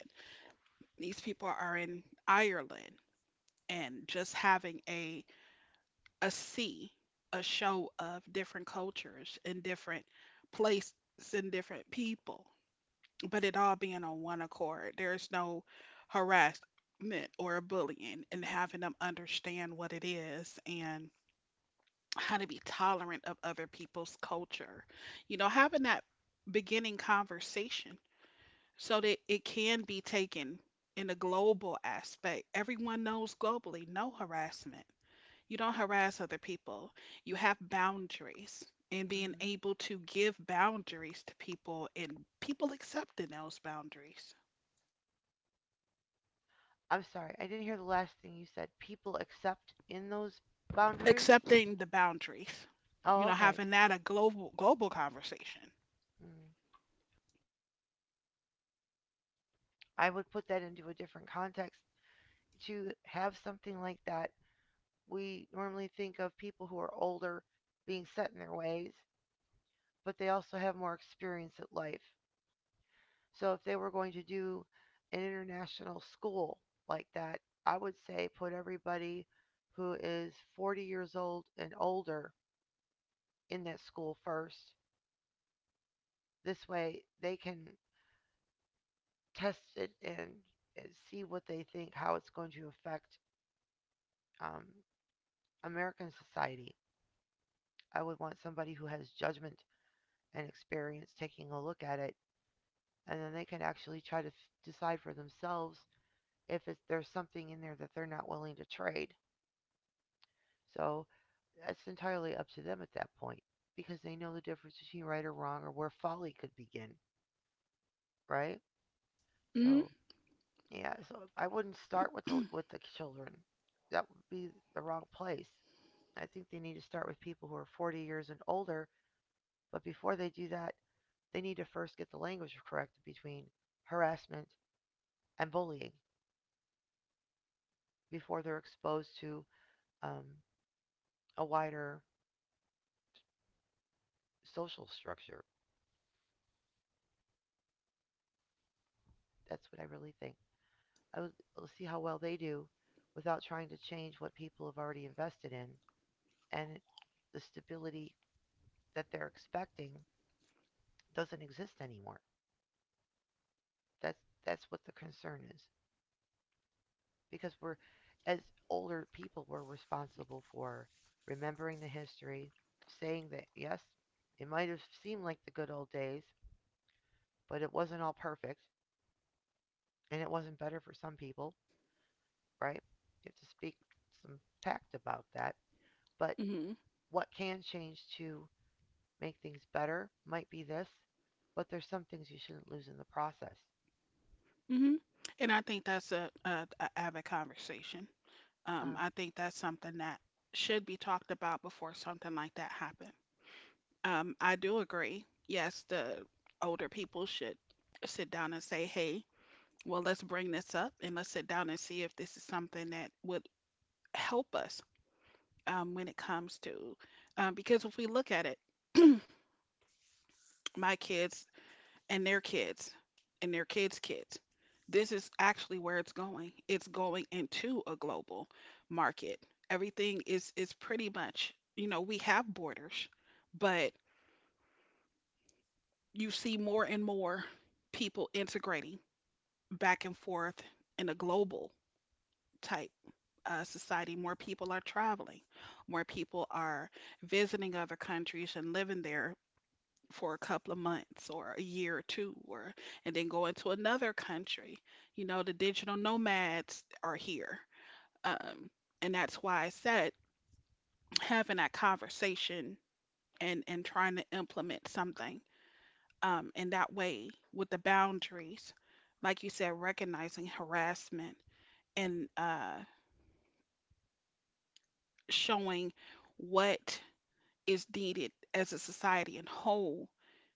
Speaker 1: these people are in Ireland, and just having a see a show of different cultures and different places and different people but it all being on one accord. There's no harassment or bullying and having them understand what it is and how to be tolerant of other people's culture. You know, having that beginning conversation so that it can be taken in a global aspect. Everyone knows globally no harassment. You don't harass other people, you have boundaries. And being
Speaker 2: hmm,
Speaker 1: able to give boundaries to people and people accepting those boundaries.
Speaker 2: I'm sorry, I didn't hear the last thing you said. People accept in those boundaries?
Speaker 1: Accepting the boundaries, you
Speaker 2: Oh,
Speaker 1: know,
Speaker 2: okay.
Speaker 1: having that a global conversation.
Speaker 2: Mm. I would put that into a different context. To have something like that, we normally think of people who are older being set in their ways, but they also have more experience at life. So if they were going to do an international school like that, I would say put everybody who is 40 years old and older in that school first. This way they can test it and see what they think, how it's going to affect um, American society. I would want somebody who has judgment and experience taking a look at it, and then they can actually decide for themselves if there's something in there that they're not willing to trade. So that's entirely up to them at that point because they know the difference between right or wrong or where folly could begin, right?
Speaker 1: Mhm.
Speaker 2: So yeah, so I wouldn't start with the children. That would be the wrong place. I think they need to start with people who are 40 years and older. But before they do that, they need to first get the language correct between harassment and bullying before they're exposed to um, a wider social structure. That's what I really think. I I'll see how well they do without trying to change what people have already invested in, and the stability that they're expecting doesn't exist anymore. That's that's what the concern is, because we're, as older people, we're responsible for remembering the history, saying that yes, it might have seemed like the good old days, but it wasn't all perfect and it wasn't better for some people, right? You have to speak some fact about that. But
Speaker 1: Mhm.
Speaker 2: what can change to make things better might be this, but there's some things you shouldn't lose in the process.
Speaker 1: Mhm. And I think that's a avid conversation.
Speaker 2: Uh,
Speaker 1: I think that's something that should be talked about before something like that happen. I do agree. Yes, the older people should sit down and say, "Hey, well, let's bring this up and let's sit down and see if this is something that would help us when it comes to." Because if we look at it, my kids and their kids and their kids' kids. This is actually where it's going. It's going into a global market. Everything is pretty much, you know, we have borders, but you see more and more people integrating back and forth in a global type society. More people are traveling, more people are visiting other countries and living there for a couple of months or a year or two or and then go into another country. You know, the digital nomads are here. Um, and that's why I said having that conversation and trying to implement something in that way with the boundaries, like you said, recognizing harassment and showing what is needed as a society in whole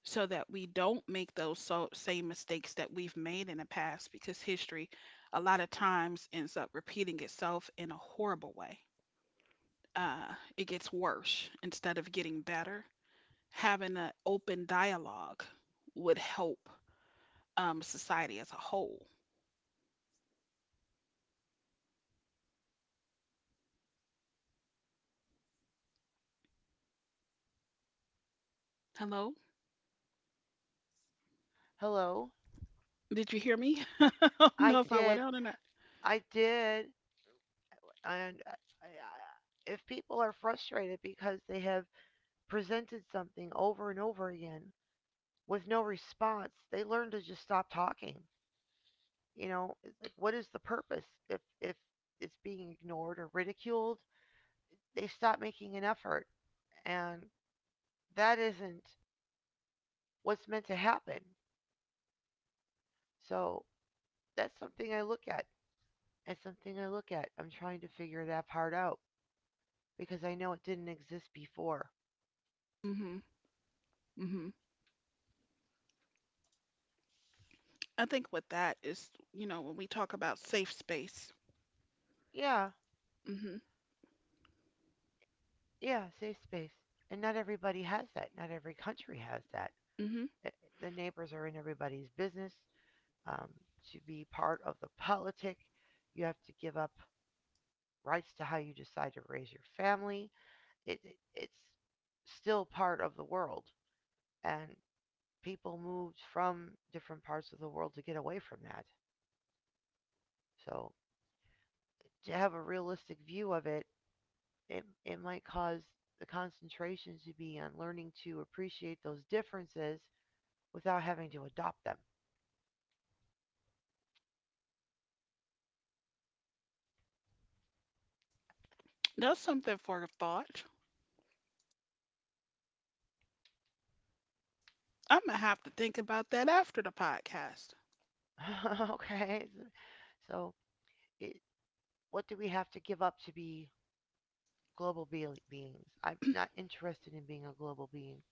Speaker 1: so that we don't make those same mistakes that we've made in the past because history a lot of times ends up repeating itself in a horrible way. It gets worse instead of getting better. Having an open dialogue would help society as a whole. Hello?
Speaker 2: hello,
Speaker 1: Did you hear me? I
Speaker 2: I
Speaker 1: don't know if I
Speaker 2: did,
Speaker 1: went out or not.
Speaker 2: I did. And I- I- if people are frustrated because they have presented something over and over again with no response, they learn to just stop talking. You know, like what is the purpose if it's being ignored or ridiculed? They stop making an effort, and that isn't what's meant to happen. So that's something I look at. It's something I look at. I'm trying to figure that part out because I know it didn't exist before.
Speaker 1: Hmm. Hmm. I think with that is, you know, when we talk about safe space.
Speaker 2: Yeah,
Speaker 1: Hmm.
Speaker 2: yeah, safe space. And not everybody has that. Not every country has that.
Speaker 1: Hmm.
Speaker 2: The neighbors are in everybody's business. Um, to be part of the politic, you have to give up rights to how you decide to raise your family. It's still part of the world. And people moved from different parts of the world to get away from that. So to have a realistic view of it, it might cause the concentration to be on learning to appreciate those differences without having to adopt them.
Speaker 1: That's something for thought. I'm gonna have to think about that after the podcast.
Speaker 2: Okay, so so it, what do we have to give up to be global beings? I'm not interested in being a global being.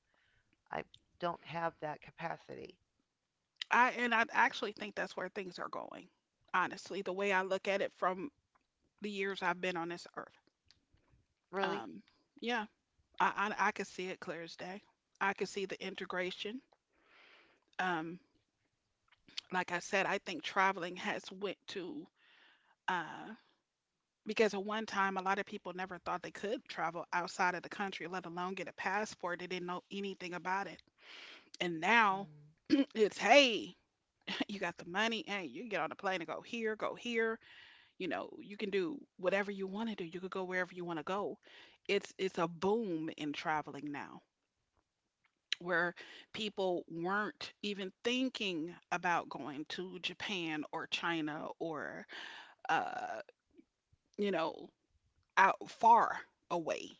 Speaker 2: I don't have that capacity.
Speaker 1: I actually think that's where things are going. Honestly, the way I look at it from the years I've been on this earth.
Speaker 2: Really?
Speaker 1: Um, yeah, I could see it clear as day. I could see the integration. Um, like I said, I think traveling has went to uh because at one time a lot of people never thought they could travel outside of the country, let alone get a passport. They didn't know anything about it. And now
Speaker 2: Hmm.
Speaker 1: it's hey, you got the money. Hey, you can get on a plane and go here, go here. You know, you can do whatever you want to do. You could go wherever you want to go. It's a boom in traveling now where people weren't even thinking about going to Japan or China or uh, you know, out far away,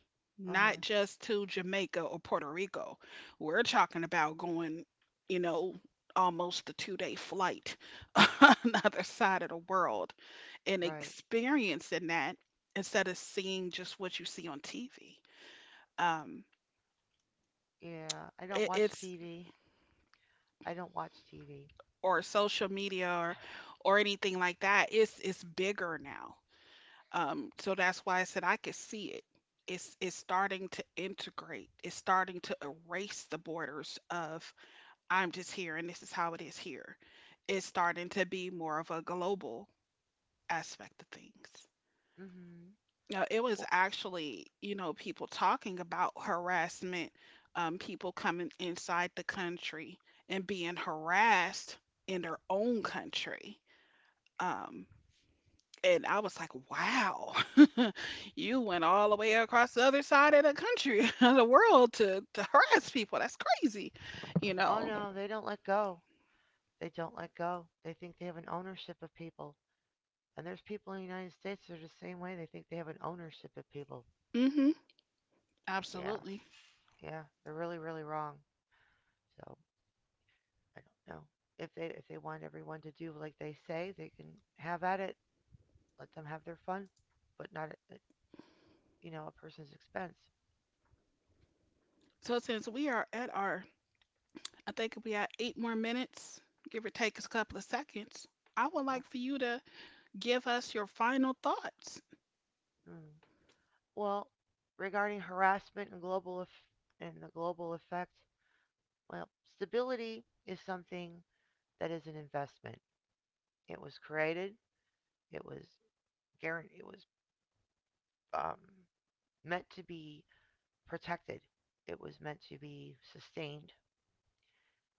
Speaker 2: Uh huh.
Speaker 1: not just to Jamaica or Puerto Rico. We're talking about going, you know, almost a 2-day flight on the other side of the world and
Speaker 2: Right.
Speaker 1: experiencing that instead of seeing just what you see on TV. Um,
Speaker 2: Yeah. I don't
Speaker 1: it,
Speaker 2: watch
Speaker 1: it's
Speaker 2: TV. I don't watch TV.
Speaker 1: or social media or anything like that. It's bigger now. So that's why I said I could see it. It's starting to integrate. It's starting to erase the borders of I'm just here and this is how it is here. It's starting to be more of a global aspect of things.
Speaker 2: Mm-hmm.
Speaker 1: Now, it was
Speaker 2: Well,
Speaker 1: actually, you know, people talking about harassment, people coming inside the country and being harassed in their own country. Um, And I was like, wow, you went all the way across the other side of the country, of the world to, harass people. That's crazy, you
Speaker 2: oh
Speaker 1: know.
Speaker 2: no, they don't let go. They don't let go. They think they have an ownership of people. And there's people in the United States that are the same way. They think they have an ownership of people.
Speaker 1: Hmm.
Speaker 2: Yeah.
Speaker 1: Absolutely.
Speaker 2: Yeah, they're really, really wrong. So I don't know if they want everyone to do like they say, they can have at it. Let them have their fun, but not at you know a person's expense.
Speaker 1: So since we are at our, I think we have 8 more minutes, give or take a couple of seconds, I would like
Speaker 2: Oh,
Speaker 1: for you to give us your final thoughts.
Speaker 2: mm. Well, regarding harassment and and the global effect, well, stability is something that is an investment. It was created. It was guaranteed. It was um, meant to be protected. It was meant to be sustained.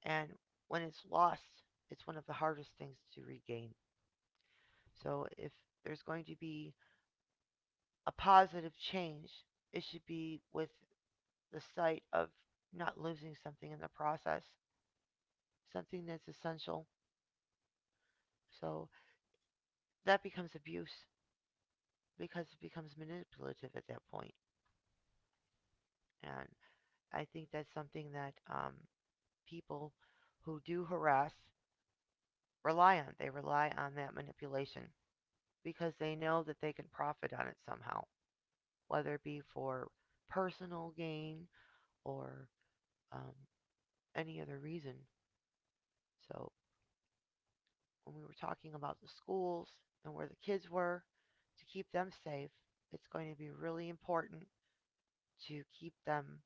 Speaker 2: And when it's lost, it's one of the hardest things to regain. So if there's going to be a positive change, it should be with the sight of not losing something in the process, something that's essential. So that becomes abuse because it becomes manipulative at that point. And I think that's something that people who do harass rely on. They rely on that manipulation because they know that they can profit on it somehow, whether it be for personal gain or um, any other reason. So when we were talking about the schools and where the kids were, to keep them safe, it's going to be really important to keep them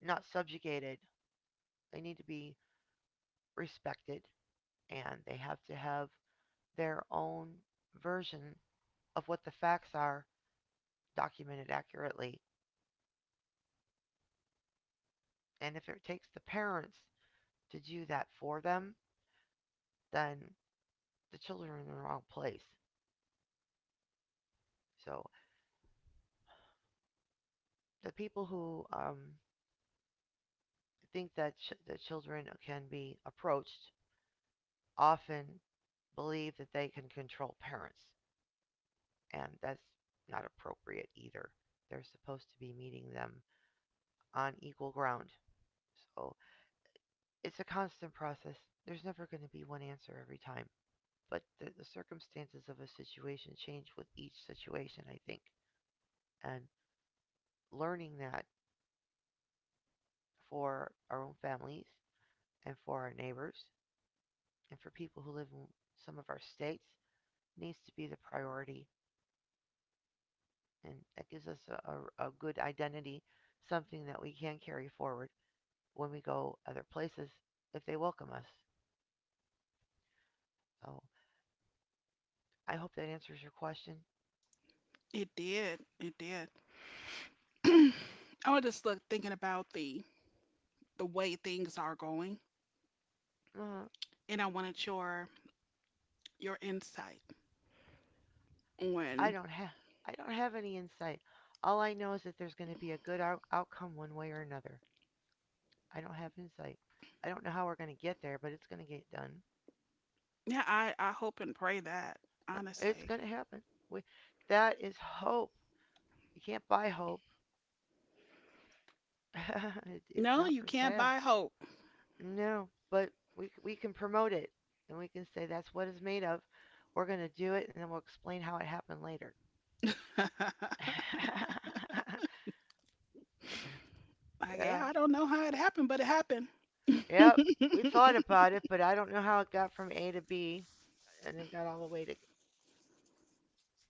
Speaker 2: not subjugated. They need to be respected, and they have to have their own version of what the facts are documented accurately. And if it takes the parents to do that for them, then the children are in the wrong place. So the people who think that that children can be approached often believe that they can control parents, and that's not appropriate either. They're supposed to be meeting them on equal ground. So it's a constant process. There's never going to be one answer every time, but the circumstances of a situation change with each situation, I think. And learning that for our own families and for our neighbors and for people who live in some of our states needs to be the priority. And that gives us a good identity, something that we can carry forward when we go other places if they welcome us. So I hope that answers your question.
Speaker 1: It did. It did. I was just thinking about the way things are going,
Speaker 2: Uh,
Speaker 1: and I wanted your insight
Speaker 2: I
Speaker 1: on.
Speaker 2: don't have I don't have any insight. All I know is that there's going to be a good outcome one way or another. I don't have insight. I don't know how we're going to get there, but it's going to get done.
Speaker 1: Yeah, I hope and pray that,
Speaker 2: It's
Speaker 1: honestly.
Speaker 2: going to happen. We, that is hope. You can't buy hope. it, it's
Speaker 1: No,
Speaker 2: not
Speaker 1: you
Speaker 2: for
Speaker 1: can't
Speaker 2: sale.
Speaker 1: buy hope.
Speaker 2: No, but we can promote it, and we can say that's what it's made of. We're gonna do it, and then we'll explain how it happened later.
Speaker 1: Like, yeah,
Speaker 2: Yeah.
Speaker 1: I don't know how it happened, but it happened.
Speaker 2: Yep. We thought about it, but I don't know how it got from A to B, and then got all the way to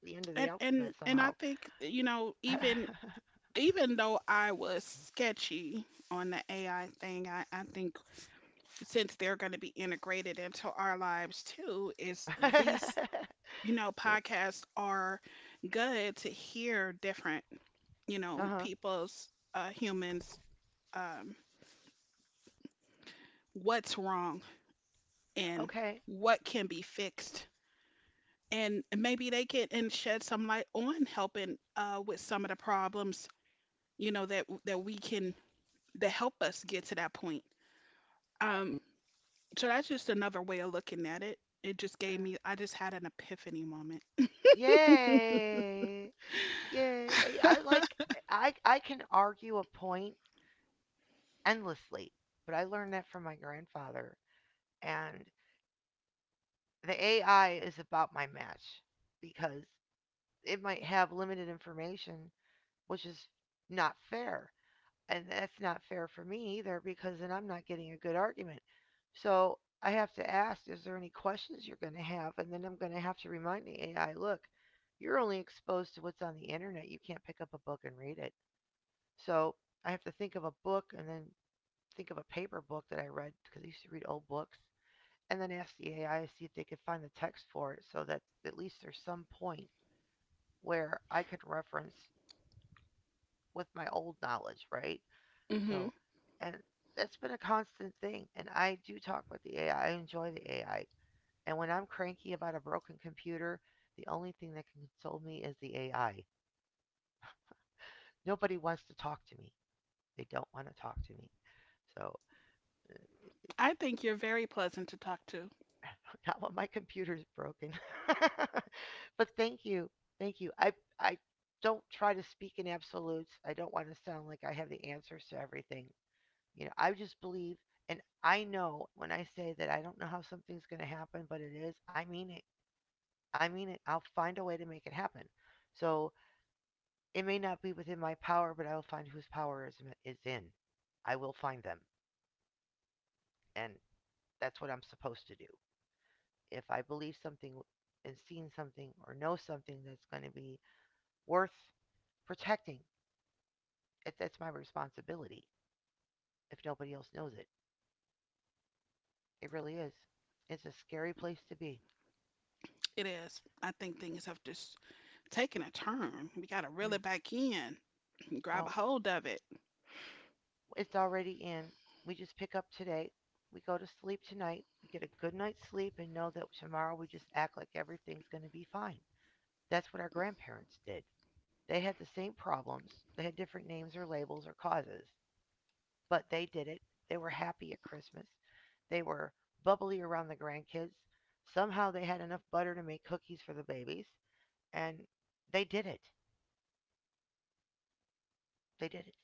Speaker 2: the end of the
Speaker 1: And
Speaker 2: alphabet
Speaker 1: and and I
Speaker 2: somehow.
Speaker 1: think, you know, even even though I was sketchy on the AI thing, I think since they're going to be integrated into our lives too, is these, you know,
Speaker 2: Yeah.
Speaker 1: podcasts are good to hear different, you
Speaker 2: Uh
Speaker 1: know,
Speaker 2: huh.
Speaker 1: people's humans um what's wrong and
Speaker 2: Okay.
Speaker 1: what can be fixed. And maybe they can and shed some light on helping with some of the problems, you know, that we can that help us get to that point. Um, so that's just another way of looking at it.
Speaker 2: Yeah.
Speaker 1: I just had an epiphany moment.
Speaker 2: Yay. Yay. I like. I can argue a point endlessly. But I learned that from my grandfather. And the AI is about my match because it might have limited information, which is not fair. And that's not fair for me either because then I'm not getting a good argument. So I have to ask, is there any questions you're going to have? And then I'm going to have to remind the AI, look, you're only exposed to what's on the internet. You can't pick up a book and read it. So I have to think of a book and then think of a paper book that I read because I used to read old books. And then ask the AI to see if they could find the text for it so that at least there's some point where I could reference with my old knowledge, right?
Speaker 1: Hmm.
Speaker 2: So, and that's been a constant thing. And I do talk with the AI, I enjoy the AI. And when I'm cranky about a broken computer, the only thing that can console me is the AI. Nobody wants to talk to me, they don't want to talk to me. So, uh,
Speaker 1: I think you're very pleasant to talk to.
Speaker 2: not when my computer's broken. But thank you. Thank you. I don't try to speak in absolutes. I don't want to sound like I have the answers to everything. You know, I just believe and I know when I say that I don't know how something's going to happen, but it is, I mean it. I mean it. I'll find a way to make it happen. So it may not be within my power, but I will find whose power is in. I will find them. And that's what I'm supposed to do. If I believe something and seen something or know something that's going to be worth protecting, that's my responsibility if nobody else knows it. It really is. It's a scary place to be.
Speaker 1: It is. I think things have just taken a turn. We got to reel
Speaker 2: Mm.
Speaker 1: it back in and grab
Speaker 2: Oh,
Speaker 1: a hold of it.
Speaker 2: it's already in. We just pick up today. We go to sleep tonight. We get a good night's sleep and know that tomorrow we just act like everything's going to be fine. That's what our grandparents did. They had the same problems. They had different names or labels or causes. But they did it. They were happy at Christmas. They were bubbly around the grandkids. Somehow they had enough butter to make cookies for the babies, and they did it. They did it.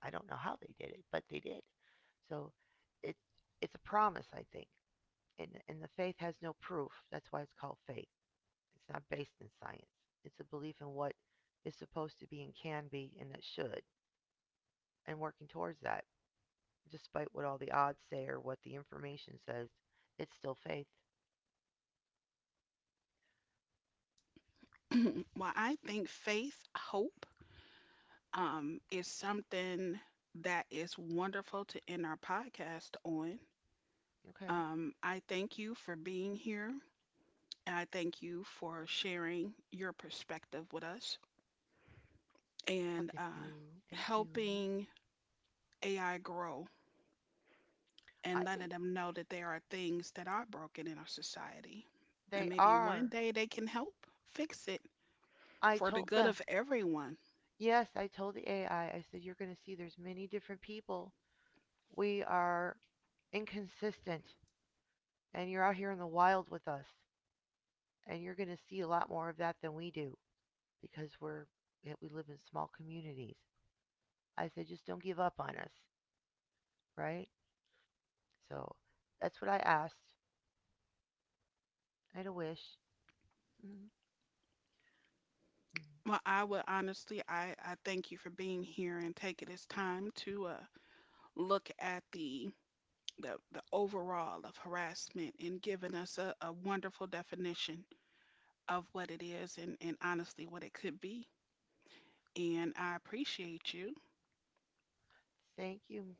Speaker 2: I don't know how they did it, but they did. So it it's a promise, I think. And the faith has no proof. That's why it's called faith. It's not based in science. It's a belief in what is supposed to be and can be and that should and working towards that despite what all the odds say or what the information says, it's still faith.
Speaker 1: Well, I think faith, hope, is something that is wonderful to end our podcast on.
Speaker 2: Okay.
Speaker 1: I thank you for being here. And I thank you for sharing your perspective with us
Speaker 2: Well,
Speaker 1: and
Speaker 2: thank you. Thank you.
Speaker 1: helping AI grow
Speaker 2: I
Speaker 1: and letting
Speaker 2: think
Speaker 1: them know that there are things that are broken in our society. And
Speaker 2: they
Speaker 1: maybe one
Speaker 2: are.
Speaker 1: day they can help fix it
Speaker 2: I
Speaker 1: for the
Speaker 2: told
Speaker 1: good
Speaker 2: them.
Speaker 1: of everyone.
Speaker 2: Yes, I told the AI. I said you're going to see there's many different people. We are inconsistent and you're out here in the wild with us and you're going to see a lot more of that than we do because we're, yeah, we live in small communities. I said just don't give up on us, right? So that's what I asked. I had a wish. Mhm. Mhm.
Speaker 1: Well, I would honestly, I thank you for being here and taking this time to look at the, overall of harassment and giving us a, wonderful definition of what it is and honestly what it could be. And I appreciate you.
Speaker 2: Thank you,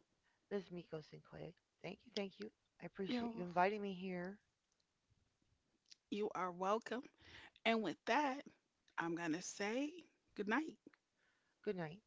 Speaker 2: Ms. Miko Sinclair. Thank you, thank you. I appreciate
Speaker 1: You're,
Speaker 2: you inviting me here.
Speaker 1: you are welcome. And with that, I'm going to say good night.
Speaker 2: Good night.